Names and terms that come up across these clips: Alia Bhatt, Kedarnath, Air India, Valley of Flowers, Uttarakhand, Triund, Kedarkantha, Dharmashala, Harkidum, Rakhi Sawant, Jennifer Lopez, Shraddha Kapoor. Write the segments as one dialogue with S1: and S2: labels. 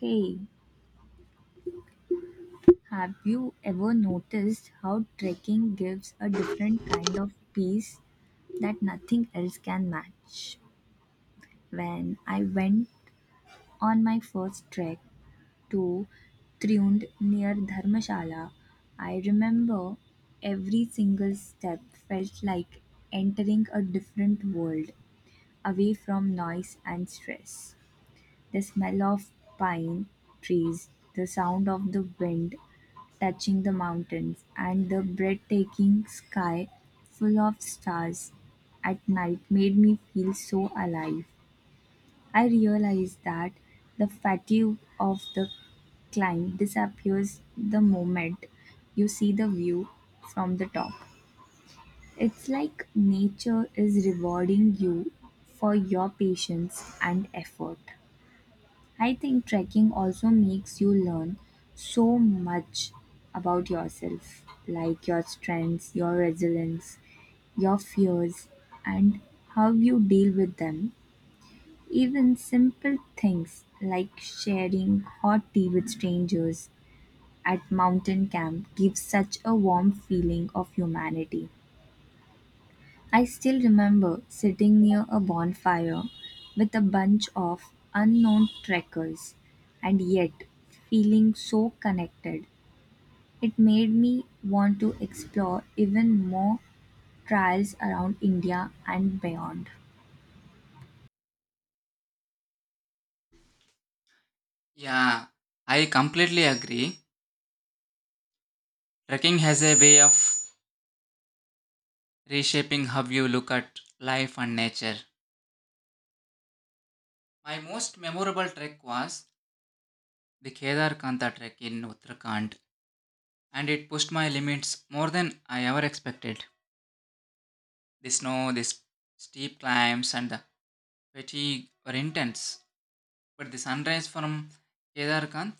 S1: Hey, have you ever noticed how trekking gives a different kind of peace that nothing else can match? When I went on my first trek to Triund near Dharmashala, I remember every single step felt like entering a different world away from noise and stress. The smell of pine trees, the sound of the wind, touching the mountains, and the breathtaking sky full of stars at night made me feel so alive. I realized that the fatigue of the climb disappears the moment you see the view from the top. It's like nature is rewarding you for your patience and effort. I think trekking also makes you learn so much about yourself, like your strengths, your resilience, your fears, and how you deal with them. Even simple things like sharing hot tea with strangers at mountain camp gives such a warm feeling of humanity. I still remember sitting near a bonfire with a bunch of unknown trekkers and yet feeling so connected. It made me want to explore even more trails around India and beyond.
S2: Yeah, I completely agree. Trekking has a way of reshaping how you look at life and nature. My most memorable trek was the Kedarkantha trek in Uttarakhand, and it pushed my limits more than I ever expected. The snow, steep climbs, and the fatigue were intense, but the sunrise from Kedarkanth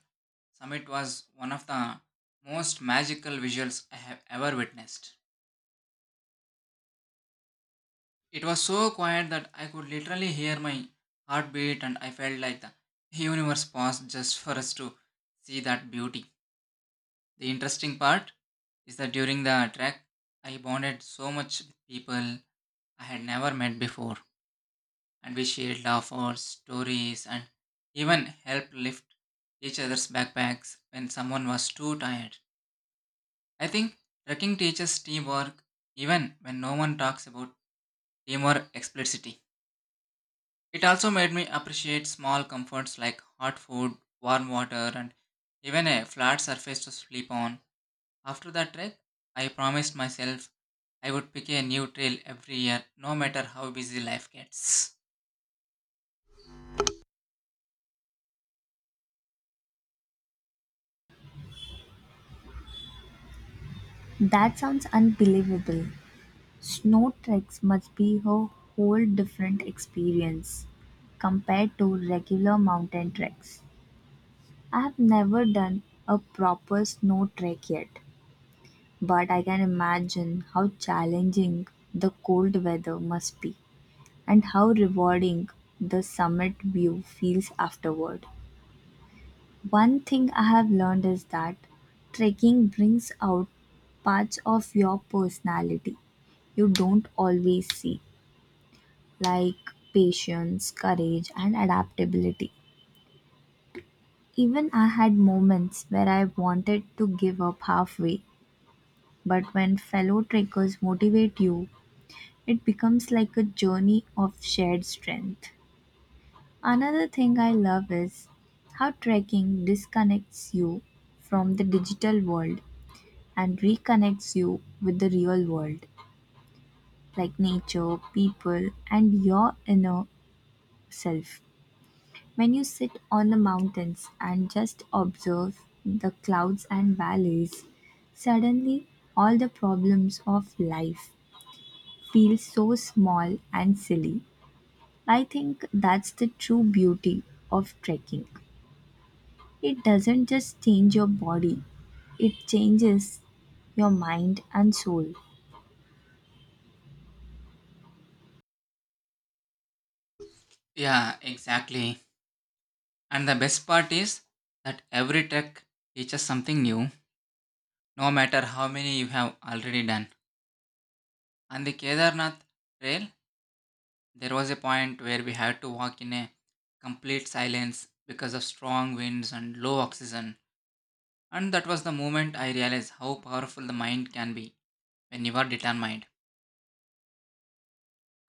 S2: summit was one of the most magical visuals I have ever witnessed. It was so quiet that I could literally hear my heartbeat, and I felt like the universe paused just for us to see that beauty. The interesting part is that during the trek, I bonded so much with people I had never met before, and we shared laughs, stories, and even helped lift each other's backpacks when someone was too tired. I think trekking teaches teamwork even when no one talks about teamwork explicitly. It also made me appreciate small comforts like hot food, warm water, and even a flat surface to sleep on. After that trek, I promised myself I would pick a new trail every year, no matter how busy life gets.
S1: That sounds unbelievable. Snow treks must be a whole different experience compared to regular mountain treks. I have never done a proper snow trek yet, but I can imagine how challenging the cold weather must be and how rewarding the summit view feels afterward. One thing I have learned is that trekking brings out parts of your personality you don't always see, like patience, courage, and adaptability. Even I had moments where I wanted to give up halfway, but when fellow trekkers motivate you, it becomes like a journey of shared strength. Another thing I love is how trekking disconnects you from the digital world and reconnects you with the real world, like nature, people, and your inner self. When you sit on the mountains and just observe the clouds and valleys, suddenly all the problems of life feel so small and silly. I think that's the true beauty of trekking. It doesn't just change your body, it changes your mind and soul.
S2: Yeah, exactly. And the best part is that every trek teaches something new, no matter how many you have already done. And the Kedarnath trail, there was a point where we had to walk in a complete silence because of strong winds and low oxygen, and that was the moment I realized how powerful the mind can be when you are determined.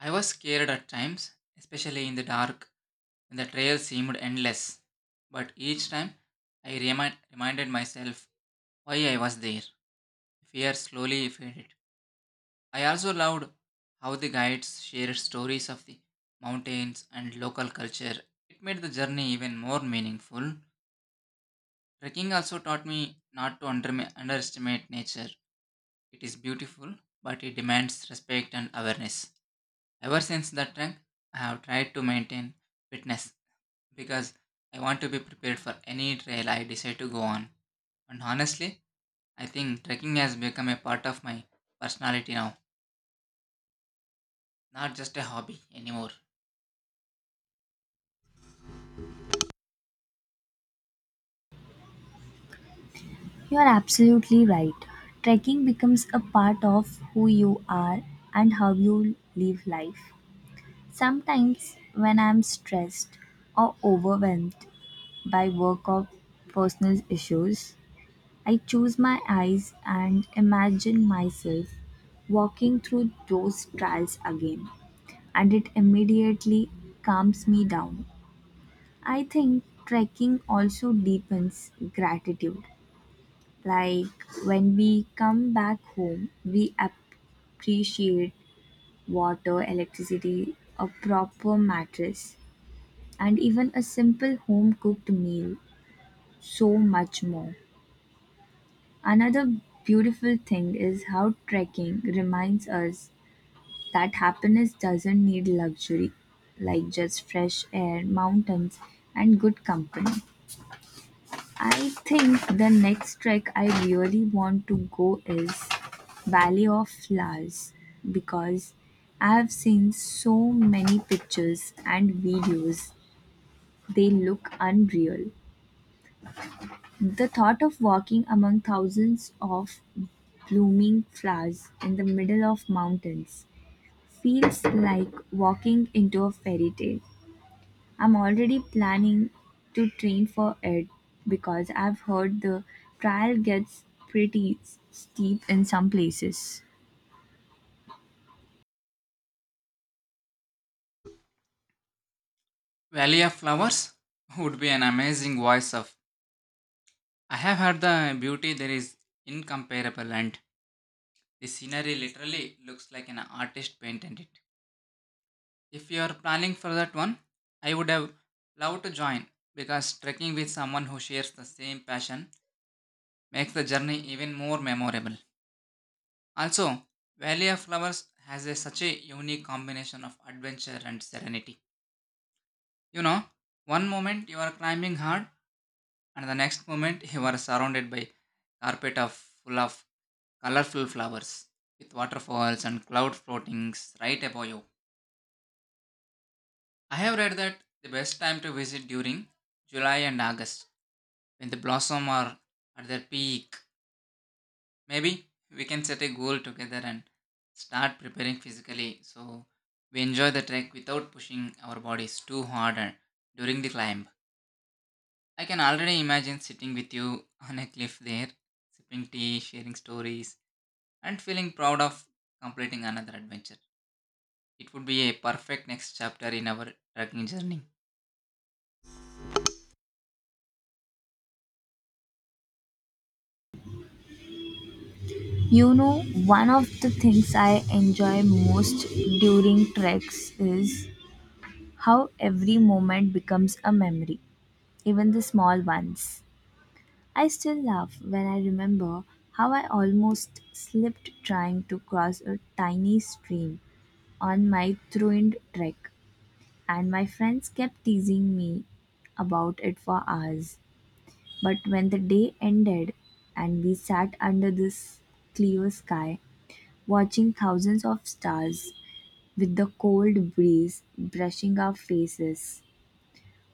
S2: I was scared at times, especially in the dark when the trail seemed endless, but each time reminded myself why I was there. Fear slowly faded. I also loved how the guides shared stories of the mountains and local culture. It made the journey even more meaningful. Trekking also taught me not to underestimate nature. It is beautiful, but it demands respect and awareness. Ever since that trek, I have tried to maintain fitness because I want to be prepared for any trail I decide to go on. And honestly, I think trekking has become a part of my personality now, not just a hobby anymore.
S1: You're absolutely right. Trekking becomes a part of who you are and how you live life. Sometimes, when I'm stressed or overwhelmed by work or personal issues, I choose my eyes and imagine myself walking through those trials again, and it immediately calms me down. I think trekking also deepens gratitude. Like when we come back home, we appreciate water, electricity, a proper mattress, and even a simple home cooked meal so much more. Another beautiful thing is how trekking reminds us that happiness doesn't need luxury, like just fresh air, mountains, and good company. I think the next trek I really want to go is Valley of Flowers because I have seen so many pictures and videos. They look unreal. The thought of walking among thousands of blooming flowers in the middle of mountains feels like walking into a fairy tale. I'm already planning to train for it because I've heard the trial gets pretty steep in some places.
S2: Valley of Flowers would be an amazing voice of. I have heard the beauty there is incomparable and the scenery literally looks like an artist painted it. If you are planning for that one, I would have loved to join because trekking with someone who shares the same passion makes the journey even more memorable. Also, Valley of Flowers such a unique combination of adventure and serenity. You know, one moment you are climbing hard and the next moment he was surrounded by carpet of full of colorful flowers with waterfalls and cloud floatings right above you. I have read that the best time to visit during July and August when the blossom are at their peak. Maybe we can set a goal together and start preparing physically so we enjoy the trek without pushing our bodies too during the climb. I can already imagine sitting with you on a cliff there, sipping tea, sharing stories, and feeling proud of completing another adventure. It would be a perfect next chapter in our trekking journey.
S1: You know, one of the things I enjoy most during treks is how every moment becomes a memory, even the small ones. I still laugh when I remember how I almost slipped trying to cross a tiny stream on my Truind trek, and my friends kept teasing me about it for hours. But when the day ended and we sat under this clear sky, watching thousands of stars with the cold breeze brushing our faces,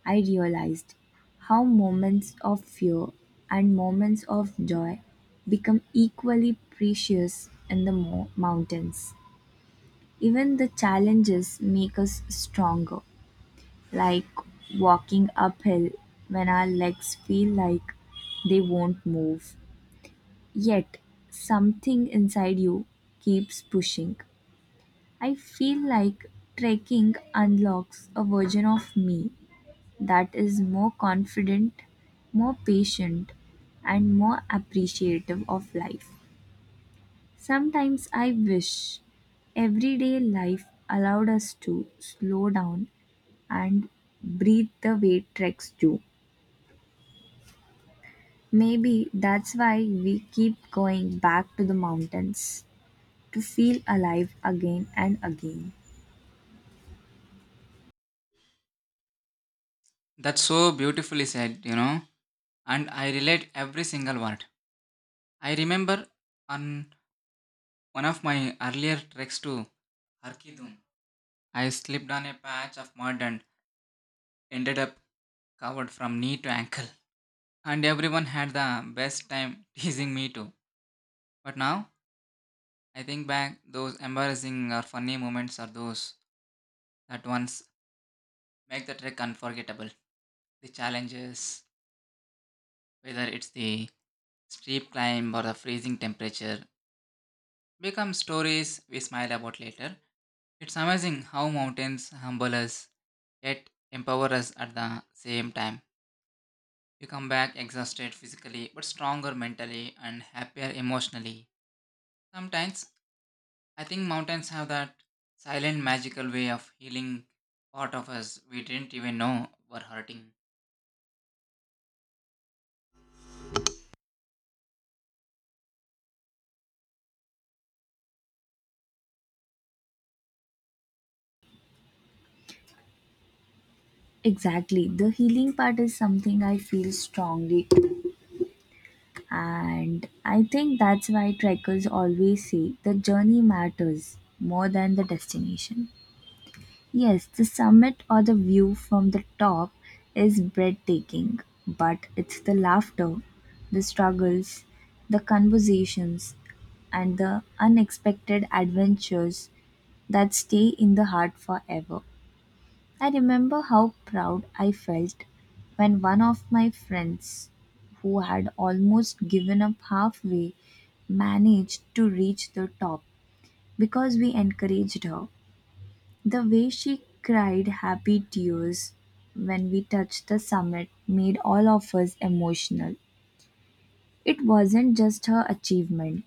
S1: I realized how moments of fear and moments of joy become equally precious in the mountains. Even the challenges make us stronger, like walking uphill when our legs feel like they won't move. Yet, something inside you keeps pushing. I feel like trekking unlocks a version of me that is more confident, more patient, and more appreciative of life. Sometimes I wish everyday life allowed us to slow down and breathe the way treks do. Maybe that's why we keep going back to the mountains, to feel alive again and again.
S2: That's so beautifully said, you know, and I relate every single word. I remember on one of my earlier treks to Harkidum, I slipped on a patch of mud and ended up covered from knee to ankle. And everyone had the best time teasing me too. But now I think back, those embarrassing or funny moments are those that ones make the trek unforgettable. The challenges, whether it's the steep climb or the freezing temperature, become stories we smile about later. It's amazing how mountains humble us yet empower us at the same time. You come back exhausted physically but stronger mentally and happier emotionally. Sometimes I think mountains have that silent magical way of healing part of us we didn't even know were hurting.
S1: Exactly. The healing part is something I feel strongly, and I think that's why trekkers always say the journey matters more than the destination. Yes, the summit or the view from the top is breathtaking, but it's the laughter, the struggles, the conversations, and the unexpected adventures that stay in the heart forever. I remember how proud I felt when one of my friends, who had almost given up halfway, managed to reach the top because we encouraged her. The way she cried happy tears when we touched the summit made all of us emotional. It wasn't just her achievement,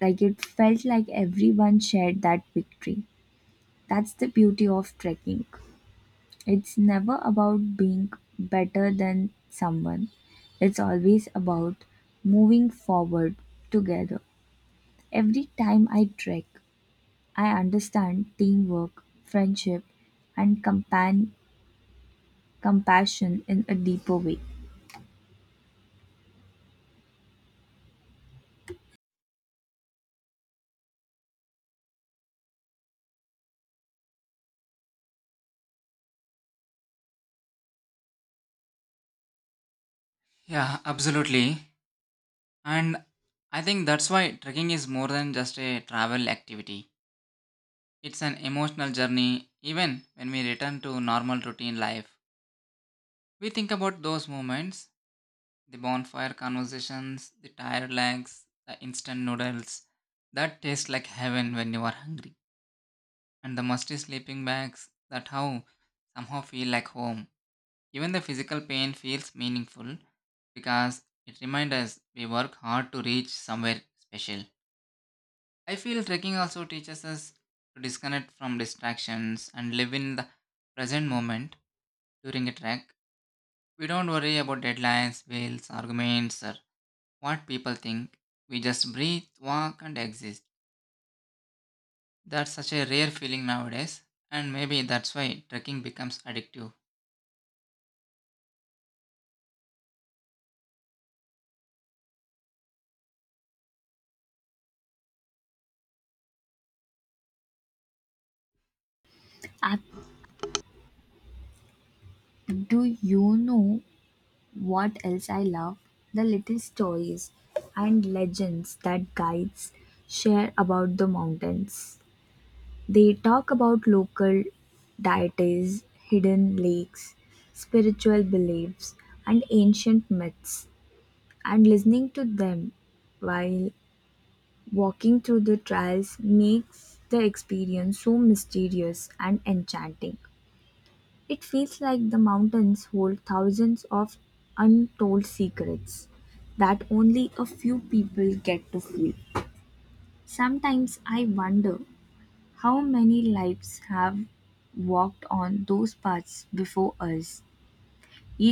S1: like, it felt like everyone shared that victory. That's the beauty of trekking. It's never about being better than someone, it's always about moving forward together. Every time I trek, I understand teamwork, friendship, and compassion in a deeper way.
S2: Yeah, absolutely. And I think that's why trekking is more than just a travel activity. It's an emotional journey. Even when we return to normal routine life, we think about those moments, the bonfire conversations, the tired legs, the instant noodles that taste like heaven when you are hungry, and the musty sleeping bags that how somehow feel like home. Even the physical pain feels meaningful because it reminds us we work hard to reach somewhere special. I feel trekking also teaches us to disconnect from distractions and live in the present moment during a trek. We don't worry about deadlines, bills, arguments, or what people think. We just breathe, walk, and exist. That's such a rare feeling nowadays, and maybe that's why trekking becomes addictive.
S1: I, do you know what else I love? The little stories and legends that guides share about the mountains. They talk about local deities, hidden lakes, spiritual beliefs, and ancient myths, and listening to them while walking through the trails makes the experience so mysterious and enchanting. It feels like the mountains hold thousands of untold secrets that only a few people get to feel. Sometimes I wonder, how many lives have walked on those paths before us,